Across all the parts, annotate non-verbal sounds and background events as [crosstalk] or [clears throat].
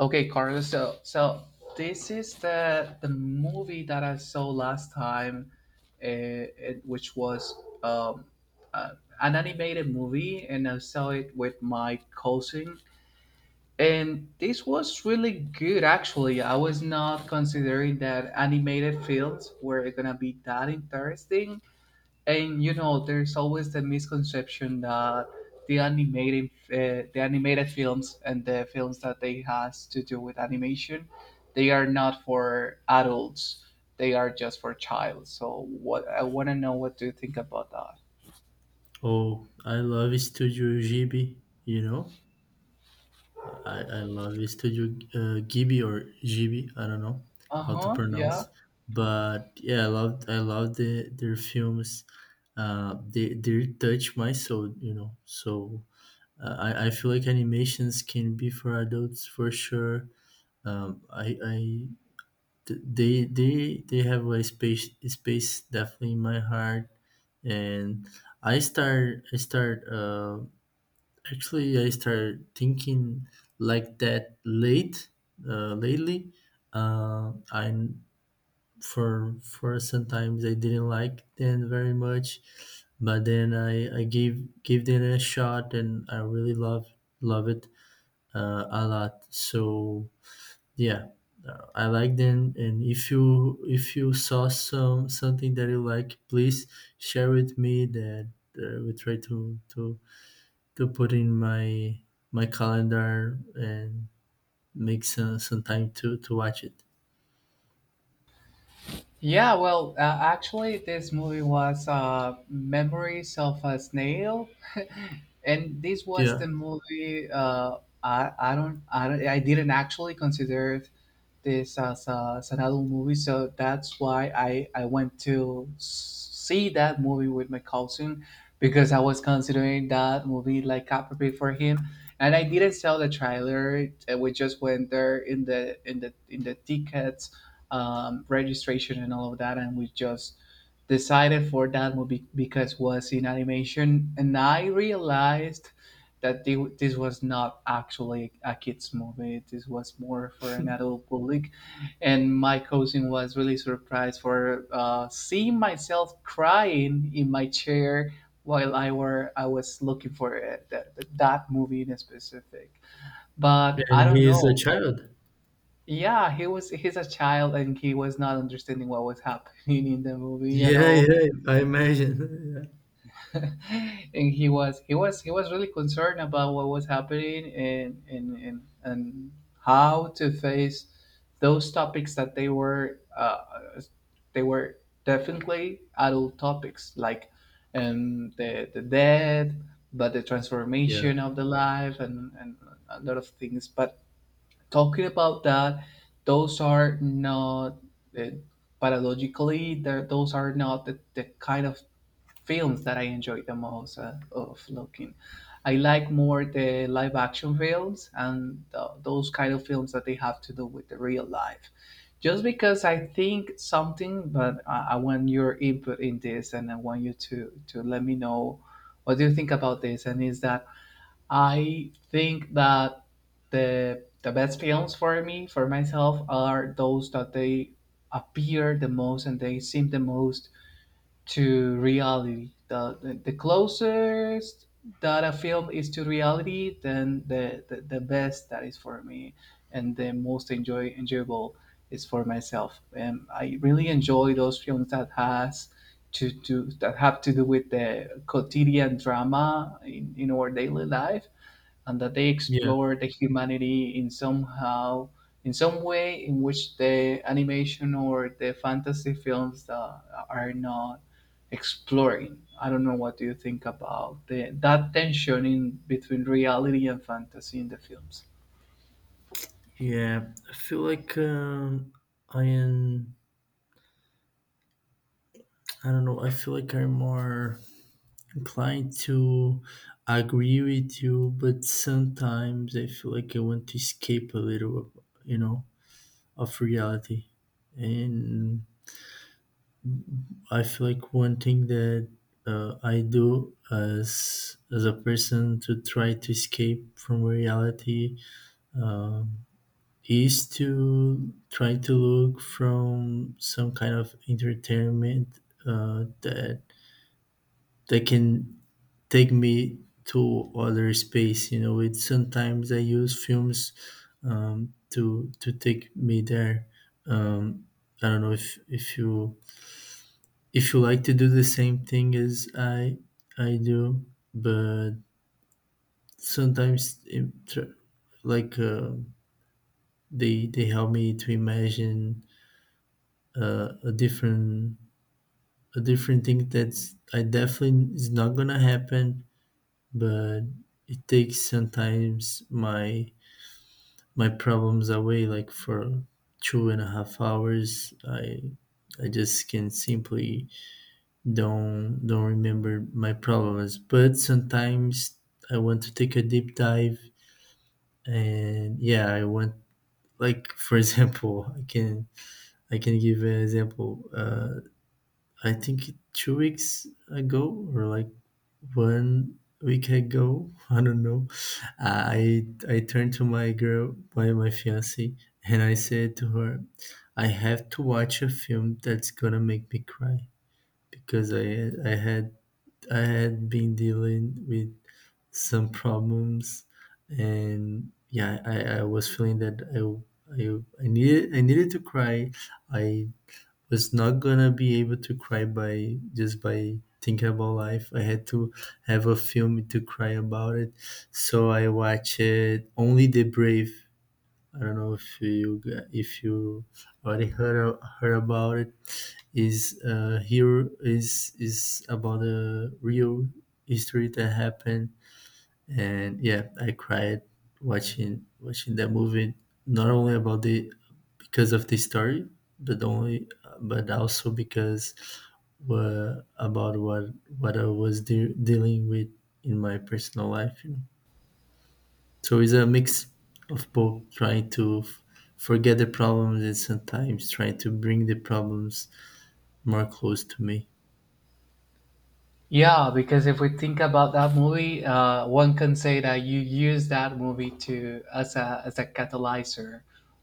Okay, Carlos. So this is the movie that I saw last time, which was um, uh, an animated movie, and I saw it with my cousin. And this was really good, actually. I was not considering that animated films were gonna be that interesting, and there's always the misconception that the animated films and the films that they has to do with animation, they are not for adults. They are just for child. So what I want to know what do you think about that? Oh, I love Studio Ghibli, you know? I love Studio Ghibli or Ghibli, I don't know Uh how to huh. Yeah. pronounce. But yeah, I loved their films. They touch my soul, you know. So I feel like animations can be for adults for sure. I th- they have a space definitely in my heart, and I start I start. Actually, I started thinking like that lately. I For sometimes I didn't like them very much, but then I gave them a shot and I really love it a lot. So yeah, I like them. And if you saw something that you like, please share with me that we try to to put in my my calendar and make some time to watch it. Yeah, well, actually, this movie was Memories of a Snail, [laughs] and this was the Yeah, movie. I don't I don't I didn't actually consider this as, as an adult movie, so that's why I went to see that movie with my cousin because I was considering that movie like appropriate for him, and I didn't sell the trailer. We just went there in the tickets registration and all of that, and we just decided for that movie because it was in animation, and I realized that this was not actually a kids movie. This was more for an adult public, and my cousin was really surprised for seeing myself crying in my chair while I was looking for it, that movie in specific. But I and don't he is a know. child. Yeah, he's a child and he was not understanding what was happening in the movie at Yeah, all. yeah, I imagine. [laughs] [laughs] and he was really concerned about what was happening and how to face those topics that they were definitely adult topics like the death but the Yeah, transformation of the life and a lot of things but talking about that those are not uh, paradoxically those are not the kind of films that I enjoy the most of looking. I like more the live action films and those kind of films that they have to do with the real life just because I think something but I want your input in this and I want you to let me know what do you think about this and is that I think that the best films for me, for myself, are those that they appear the most and they seem the most to reality. The closest that a film is to reality, then the best that is for me and the most enjoyable is for myself. And I really enjoy those films that has to that have to do with the quotidian drama in our daily life and that they yeah, explore the humanity in somehow in some way in which the animation or the fantasy films are not exploring. I don't know what do you think about that tension in between reality and fantasy in the films. yeah. I feel like I am. I don't know. I feel like I'm more inclined to agree with you, but sometimes I feel like I want to escape a little, you know, of reality, and I feel like one thing that I do as a person to try to escape from reality um, is to try to look from some kind of entertainment that that can take me to other space. You know, it sometimes I use films to take me there. Um, I don't know if you like to do the same thing as I do, but sometimes it, tr- like they help me to imagine uh, a different a different thing that's I definitely is not gonna happen, but it takes sometimes my my problems away. Like for 2.5 hours, I just can simply don't remember my problems, but sometimes I want to take a deep dive, and yeah, I want like for [laughs] example I can give an example I think 2 weeks ago or like 1 week ago, [laughs] I don't know. I turned to my girl my my fiance and I said to her I have to watch a film that's gonna make me cry because I had been dealing with some problems, and yeah, I was feeling that I needed to cry. I was not gonna be able to cry by just by thinking about life. I had to have a film to cry about it, so I watched Only the Brave. I don't know if you already heard heard about it. Is here is about a real history that happened. And yeah, I cried watching that movie, not only about the because of the story but only but also because about what I was dealing with in my personal life, you know? So it's a mix of both trying to forget the problems and sometimes trying to bring the problems more close to me. Yeah, because if we think about that movie, one can say that you use that movie to as a catalyzer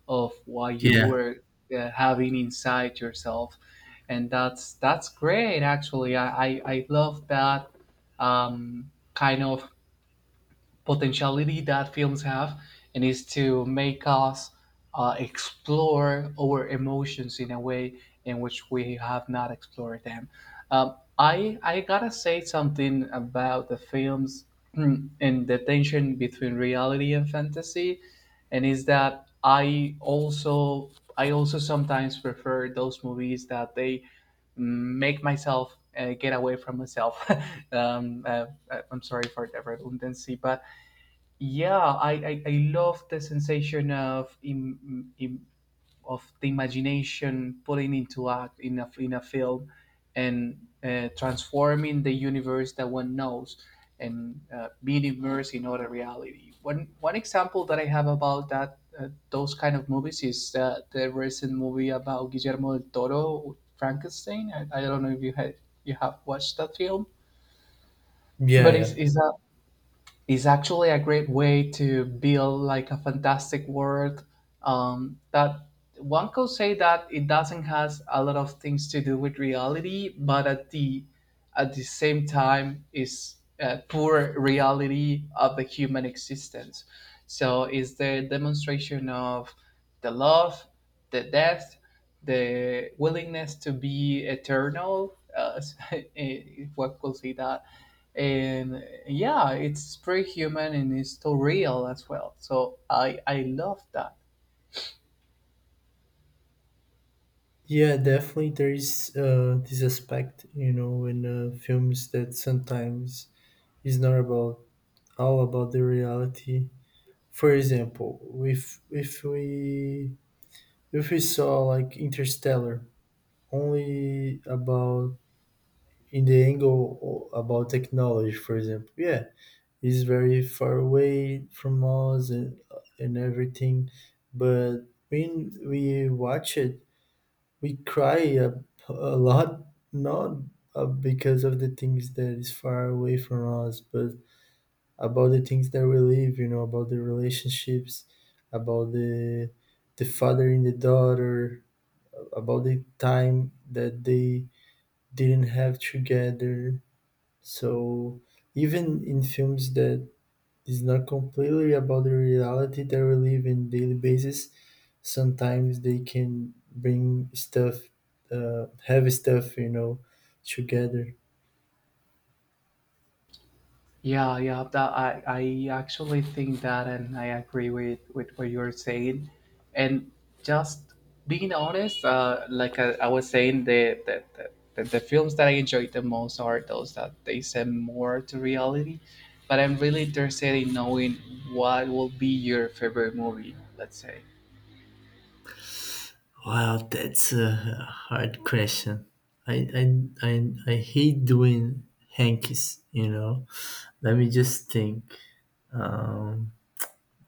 of what you Yeah. were having inside yourself, and that's great. Actually, I love that kind of potentiality that films have, and is to make us explore our emotions in a way in which we have not explored them. I gotta say something about the films [clears throat] and the tension between reality and fantasy, and is that I also sometimes prefer those movies that they make myself get away from myself. [laughs] I'm sorry for the redundancy, but yeah, I love the sensation of of the imagination putting into act in a film, and transforming the universe that one knows and being immersed in other reality. One example that I have about that those kind of movies is the recent movie about Guillermo del Toro, Frankenstein. I don't know if you have watched that film, Yeah, but yeah, it's a is actually a great way to build like a fantastic world that one could say that it doesn't has a lot of things to do with reality but at the same time is a poor reality of the human existence, so is the demonstration of the love, the death, the willingness to be eternal, [laughs] if one could say that. And yeah, it's pretty human and it's too real as well, so I love that. yeah. Definitely there is this aspect, you know, in films, that sometimes is not about all about the reality. For example, if if we saw like Interstellar only about in the angle about technology, for example, yeah, it's very far away from us, and everything, but when we watch it, we cry a, a lot, not because of the things that is far away from us but about the things that we live, you know, about the relationships, about the father and the daughter, about the time that they didn't have together. So even in films that is not completely about the reality that we live in daily basis, sometimes they can bring stuff, heavy stuff, you know, together. Yeah, that I actually think that and I agree with what you're saying, and just being honest like I was saying the films that I enjoy the most are those that they send more to reality, but I'm really interested in knowing what will be your favorite movie, let's say. Wow, that's a hard question. I I I, I hate doing hankies, you know. Let me just think. Um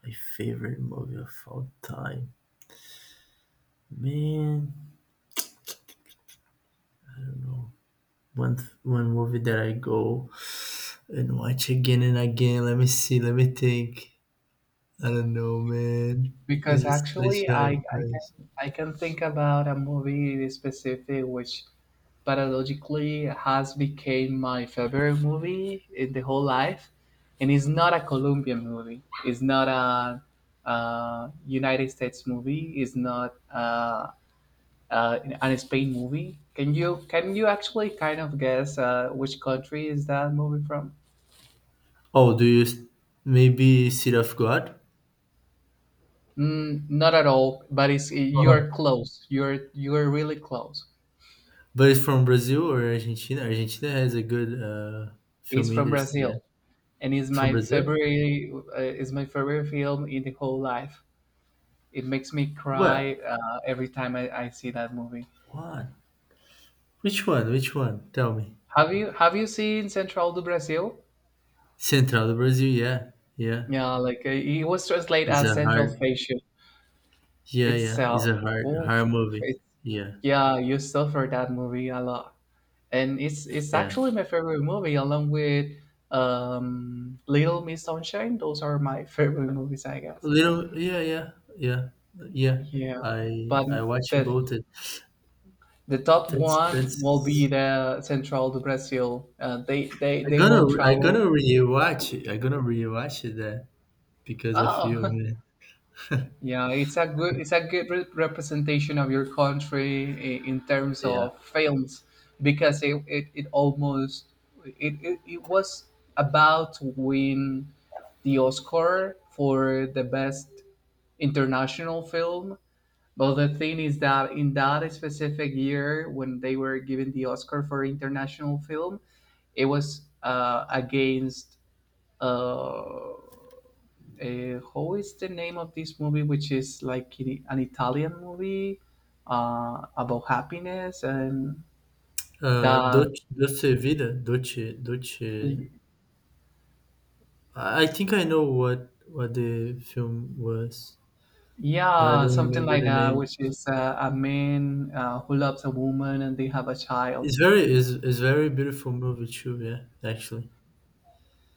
my favorite movie of all time. Man, I don't know. One One movie that I go and watch again and again. Let me see, let me think. I don't know, man. Because This is actually such a hard I can question. I can think about a movie specific which paradoxically has became my favorite movie in the whole life, and it's not a Colombian movie, it's not United States movie, it's not an Spain movie. Can you actually kind of guess which country is that movie from? Oh, do you s- Maybe City of God? Mm, not at all, but it's Uh-huh. you're close, you're really close. But it's from Brazil or Argentina? Argentina has a good It's film from industry. Brazil Yeah, and is it's from my Brazil. February is my favorite film in the whole life. It makes me What? cry every time I see that movie. What? Which one? Which one? Tell me. Have you seen Central do Brasil? Central do Brasil. Yeah, yeah. Yeah, like it was translated It's as a Central hard. Station. Yeah, It's yeah. It's a hard, oof, hard movie. it's, Yeah, yeah, you suffer that movie a lot, and it's yeah. actually my favorite movie along with Little Miss Sunshine. Those are my [laughs] favorite movies, I A guess. little. Yeah, yeah, yeah, yeah. Yeah, but I watch the both. It. the top That's one will be that's. the Central do Brazil. They they they both I travel. gonna rewatch it. I gonna rewatch it. That because of you, Oh, man. [laughs] yeah, it's a good representation of your country in terms Yeah. of films because it almost it was about to win the Oscar for the best international film. But the thing is that in that specific year, when they were given the Oscar for international film, it was against uh, how is the name of this movie, which is like an Italian movie about happiness and that, Dolce, Dolce Vida, Dolce, Dolce. I think I know what the film was, but I yeah, don't something remember like the that, name. which is a man who loves a woman and they have a child. It's very is very beautiful movie too, yeah, actually.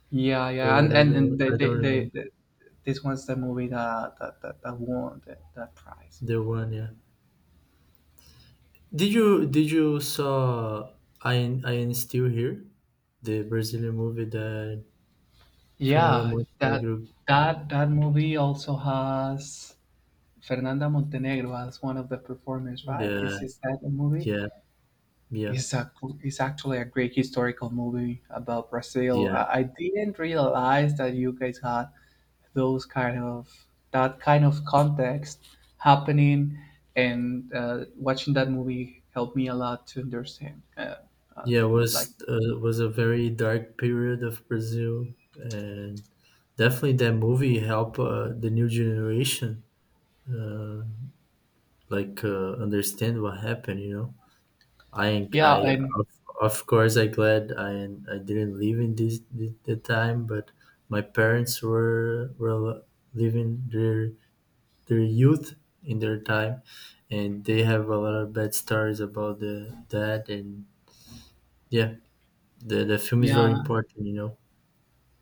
Yeah, But yeah, and I don't remember they, this was the movie that that won that prize. the one, yeah. Did you saw I Am Still Here, the Brazilian movie that Fernanda Yeah, that Montenegro? That movie also has Fernanda Montenegro as one of the performers, right? Yeah, Is that a movie? yeah, yeah, It's a it's actually a great historical movie about Brazil. yeah. I didn't realize that you guys had those kind of that kind of context happening, and watching that movie helped me a lot to understand uh, Yeah, it like was a very dark period of Brazil, and definitely that movie helped the new generation uh, understand what happened. You know, I yeah. I And of, of course I glad I didn't live in this the time, but my parents were living their youth in their time, and they have a lot of bad stories about the that and yeah, the film is yeah, very important. You know.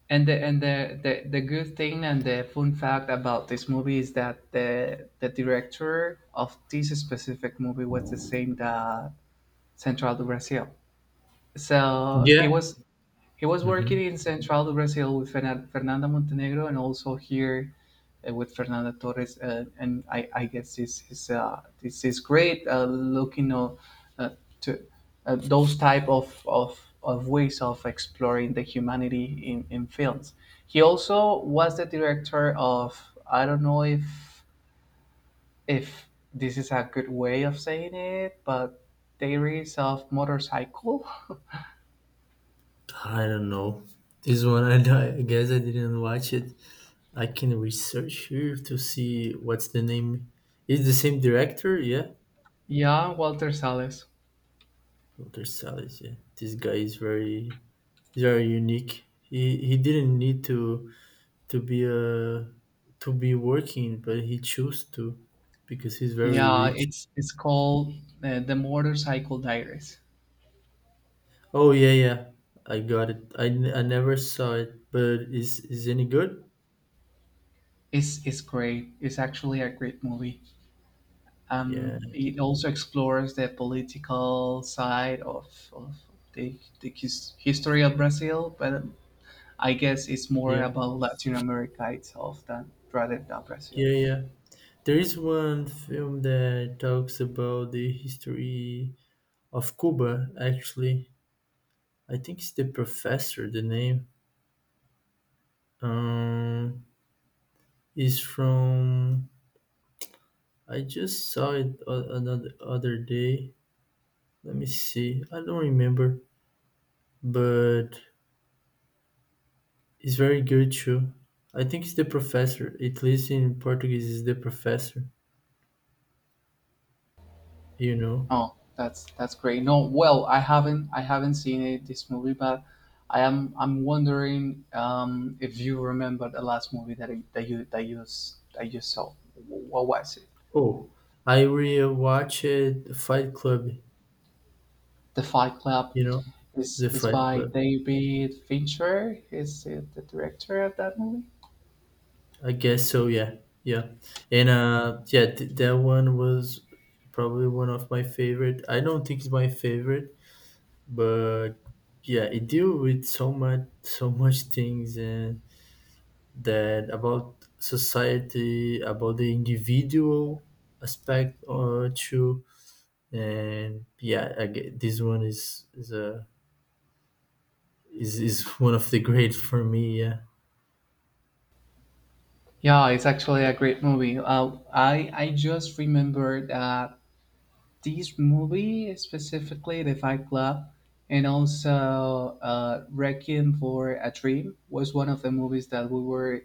and the good thing and the fun fact about this movie is that the director of this specific movie was the same that Central do Brasil. So he Yeah, was he was working hmm in Central Brazil with Fernanda Montenegro and also here with Fernanda Torres. And I guess this is great looking uh, to those type of, of ways of exploring the humanity in films. He also was the director of I don't know if this is a good way of saying it, but Diaries of Motorcycle. I don't know. This one, I, [laughs] I guess I didn't watch it. I can research here to see what's the name. Is the same director? Yeah, Yeah, Walter Salles. Walter Salles. Yeah, this guy is very, he's very unique. He didn't need to to be uh to be working, but he chose to because he's very Yeah, rich. it's called The Motorcycle Diaries. Oh yeah, yeah, I got it. I never saw it, but is any good? It's great. It's actually a great movie. Yeah, It also explores the political side of the history of Brazil, but I guess it's more yeah, about Latin America itself than rather than Brazil. yeah, yeah. There is one film that talks about the history of Cuba, actually. I think it's The Professor, the name. Um, is from. I just saw it another other day. Let me see. I don't remember, but it's very good too. I think it's The Professor. At least in Portuguese, is The Professor, you know. Oh, that's great. No, well, I haven't seen it this movie, but I'm wondering if you remember the last movie that I, that you that you that you saw. What was it? Oh, I rewatched Fight Club, The Fight Club you know, The is Fight by Club. David Fincher. Is it the director of that movie? I guess so. Yeah, yeah, and yeah, that one was probably one of my favorite. I don't think it's my favorite, but yeah, it deal with so much, so much things, and that about society, about the individual aspect or two, and yeah, I get, this one is a is one of the great for me. Yeah, Yeah, it's actually a great movie. I just remember that this movie specifically, The Fight Club, and also Requiem for a Dream was one of the movies that we were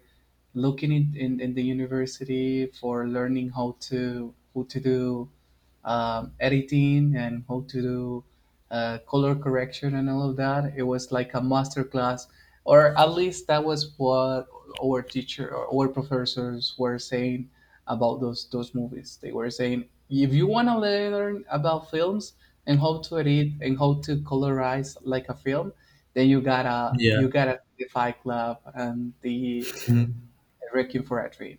looking in the university for learning how to do editing and how to do color correction and all of that. It was like a master class, or at least that was what our teacher or our professors were saying about those movies. They were saying, if you want to learn about films and how to edit and how to colorize like a film, then you gotta yeah. you gotta see the Fight Club and the Requiem for a Dream.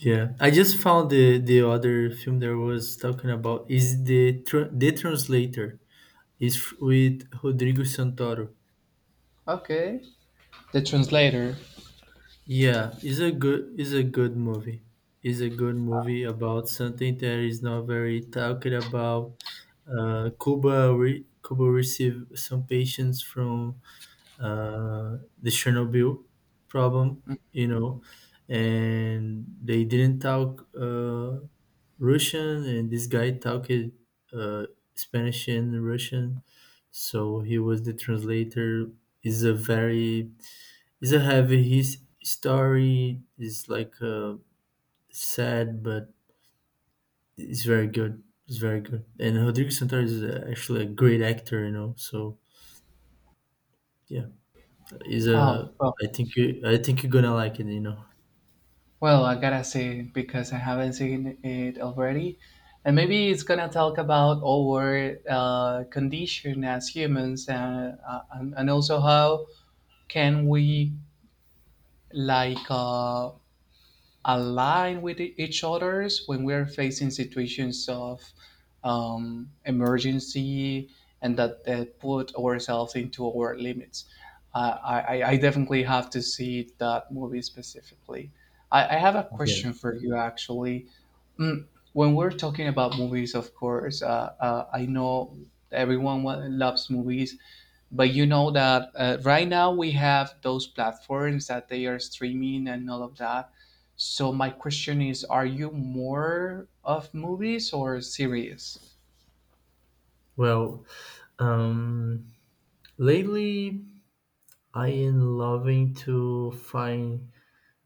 Yeah, I just found the other film there was talking about is the the translator is with Rodrigo Santoro. Okay. The translator. Yeah, is a good movie. Is a good movie about something that is not very talked about. Cuba received some patients from the Chernobyl problem, you know, and they didn't talk. Russian, and this guy talked uh, Spanish and Russian, so he was the translator. Is a very is a heavy his story is like sad, but it's very good. It's very good. And Rodrigo Santoro is actually a great actor, you know. So yeah, is Oh a well, I think you I think you're gonna like it, you know. well, I gotta say, because I haven't seen it already, and maybe it's gonna talk about our condition as humans, and also how can we like, align with each others when we're facing situations of emergency and that put ourselves into our limits. I definitely have to see that movie specifically. I have a Yeah. question for you actually. Mm, when we're talking about movies, of course, I know everyone loves movies, but you know that right now we have those platforms that they are streaming and all of that, so my question is, are you more of movies or series? Well, um, lately I am loving to find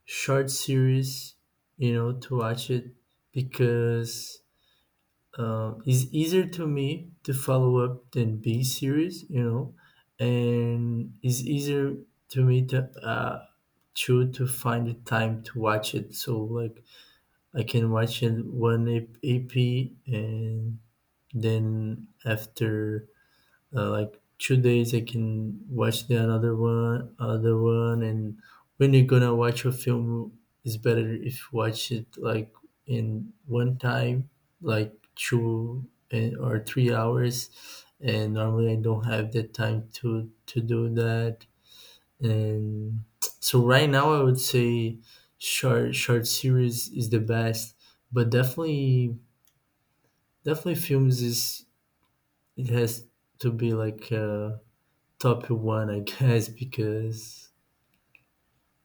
short series, you know, to watch it because it's easier to me to follow up than B series, you know, and it's easier to me to to find the time to watch it. So like I can watch it one EP and then after like 2 days I can watch the another one other one, and when you're gonna watch a film, it's better if you watch it like in one time, like two and, or 3 hours, and normally I don't have the time to do that. And so right now I would say short series is the best, but definitely definitely films is, it has to be like top one, I guess, because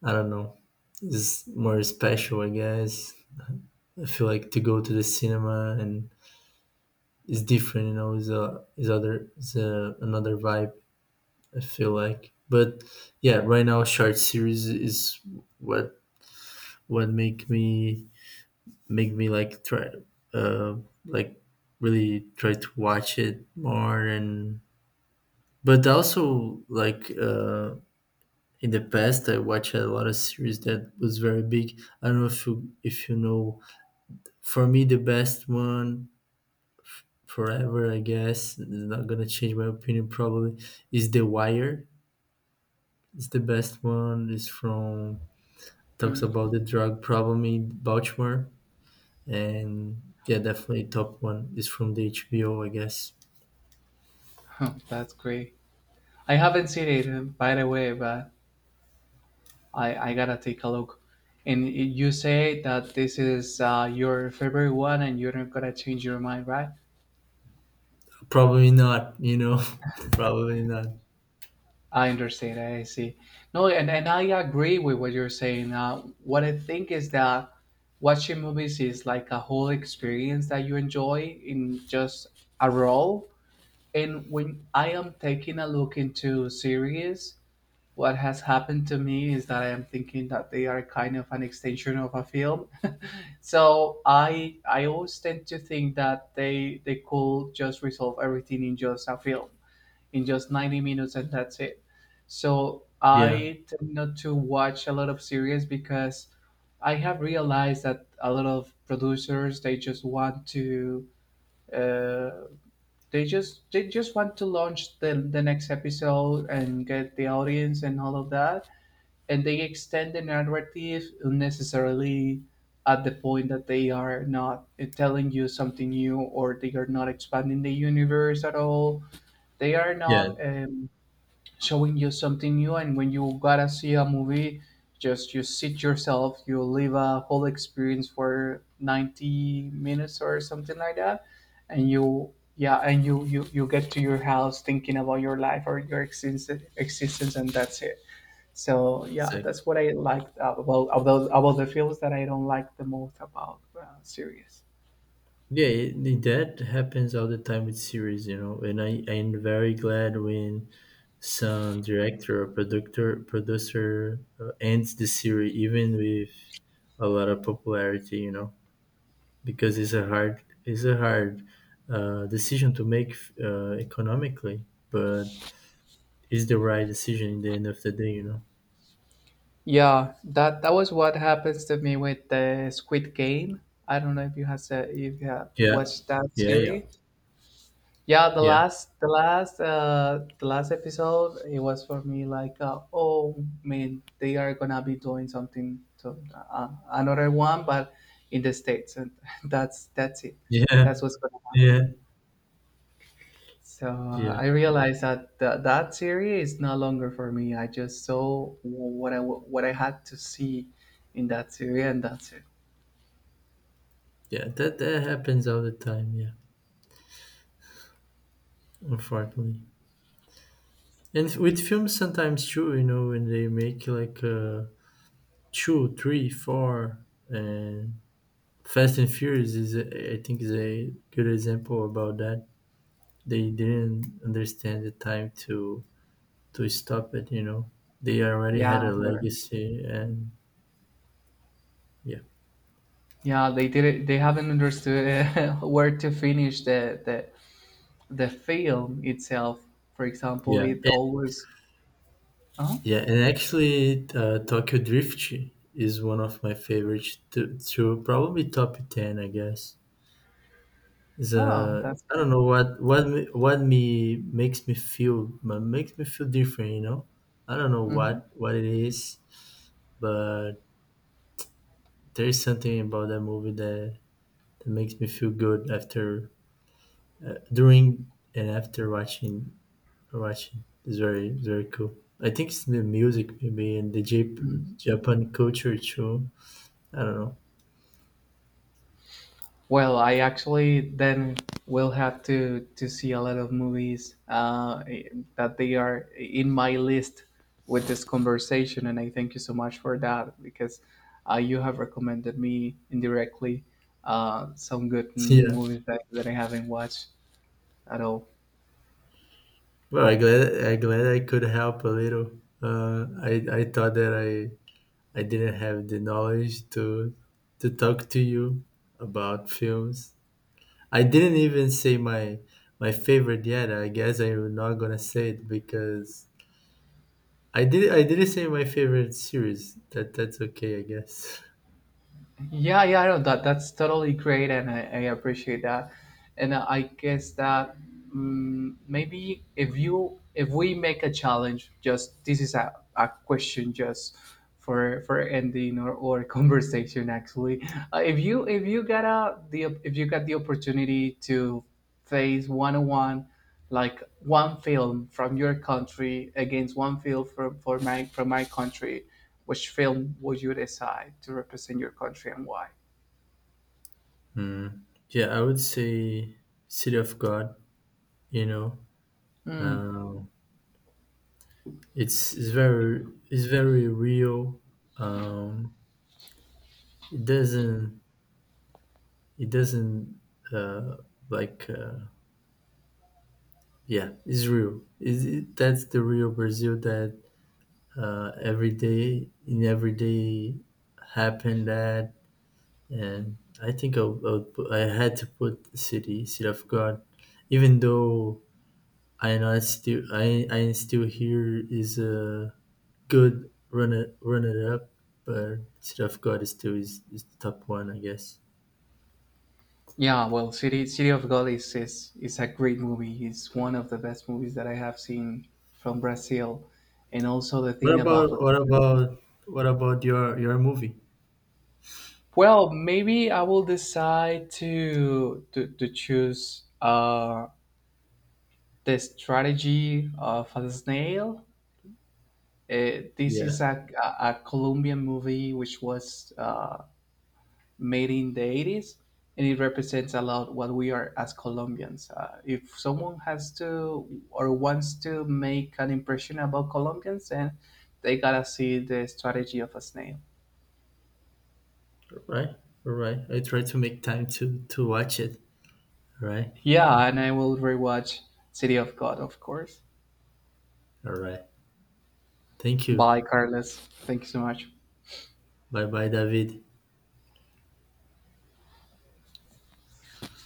I don't know, it's more special, I guess. I feel like to go to the cinema and it's different, you know, it's a it's other it's a, another vibe. I feel like, but yeah, right now short series is what what make me like try uh like really try to watch it more. And but also like in the past I watched a lot of series that was very big. I don't know if you know, for me the best one forever, I guess, is not gonna change my opinion probably, is The Wire. It's the best one. It's from talks Mm. about the drug problem in Baltimore, and yeah, definitely top one. It's from the HBO, I guess. [laughs] That's great. I haven't seen it, by the way, but I gotta take a look. And you say that this is your favorite one and you're not gonna change your mind, right? Probably not, you know. [laughs] Probably not. I understand. I see. No, and I agree with what you're saying. What I think is that watching movies is like a whole experience that you enjoy in just a role. And when I am taking a look into series, what has happened to me is that I am thinking that they are kind of an extension of a film. [laughs] So I always tend to think that they could just resolve everything in just a film, in just 90 minutes, and that's it. So Yeah, I tend not to watch a lot of series because I have realized that a lot of producers, they just want to, uh, they just want to launch the next episode and get the audience and all of that, and they extend the narrative unnecessarily, at the point that they are not, telling you something new, or they are not expanding the universe at all, they are yeah, not showing you something new. And when you gotta see a movie, just you sit yourself, you live a whole experience for 90 minutes or something like that, and you yeah and you get to your house thinking about your life or your existence, and that's it. So yeah, exactly. that's what I liked about the films, that I don't like the most about series. Yeah, it- that happens all the time with series, you know. And I I'm very glad when some director or producer ends the series, even with a lot of popularity, you know, because it's a hard decision to make, economically, but it's the right decision in the end of the day, you know. Yeah, that was what happens to me with the Squid Game. I don't know if you have if you have Yeah, watched that yeah, yeah, series. Yeah, the yeah, last the last uh the last episode, it was for me like, oh man, they are gonna be doing something to, another one, but in the states, and [laughs] that's it. [laughs] yeah, That's what's gonna yeah, happen. So yeah, I realized that that series is no longer for me. I just saw what what I had to see in that series, and that's it. yeah. That that happens all the time. Yeah, unfortunately. And with films, sometimes too, you know, when they make like two, three, four, and Fast and Furious is, I think, is a good example about that. They didn't understand the time to stop it. You know, they already Yeah, had a where, legacy, and yeah, yeah, they did it. They haven't understood, [laughs] where to finish the the film itself. For example, yeah, and, it always. Oh, yeah. And actually, Tokyo Drift is one of my favorites. To probably top ten, I guess. oh, The that's I good. don't know what what me makes me feel makes me feel different. You know, I don't know Hmm. What it is, but there is something about that movie that that makes me feel good after during and after watching. It's very cool. I think it's the music maybe and the Japan culture too. I don't know. Well, I actually then will have to, see a lot of movies eh, that they are in my list with this conversation, and I thank you so much for that because you have recommended me indirectly some good [laughs] Yeah. movies that, that I haven't watched at all. Well, I glad I could help a little. I thought that I didn't have the knowledge to talk to you about films. I didn't even say my my favorite yet. I guess I'm not gonna say it because I didn't say my favorite series. That that's okay, I guess. Yeah, yeah, I know that that's totally great, and I appreciate that. And I guess that mm maybe if you if we make a challenge, just this is a question just for ending or [laughs] conversation actually. If you got a the if you got the opportunity to face one on one like one film from your country against one film from for my from my country, which film would you decide to represent your country and why? Mm. Yeah, I would say City of God. You know, um, it's very real. Um, it doesn't it doesn't uh, like. Uh, Yeah, it's real. Is it, that's the real Brazil that every day in every day happened that, and I think I had to put city of God, even though I know not still I still here is a good runner up, but city of God is still is the top one, I guess. Yeah, well, City City of God is a great movie. It's one of the best movies that I have seen from Brazil, and also the What thing about about what photography. about what about your movie? Well, maybe I will decide to choose, the strategy of a snail. This is Yeah. A Colombian movie which was, made in the 80s, and it represents a lot what we are as Colombians. If someone has to or wants to make an impression about Colombians, then they gotta see the strategy of a snail. Right, all right. I try to make time to watch it. All right, Yeah, and I will rewatch City of God, of course. all right. Thank you. Bye, Carlos. Thank you so much. Bye, bye, David.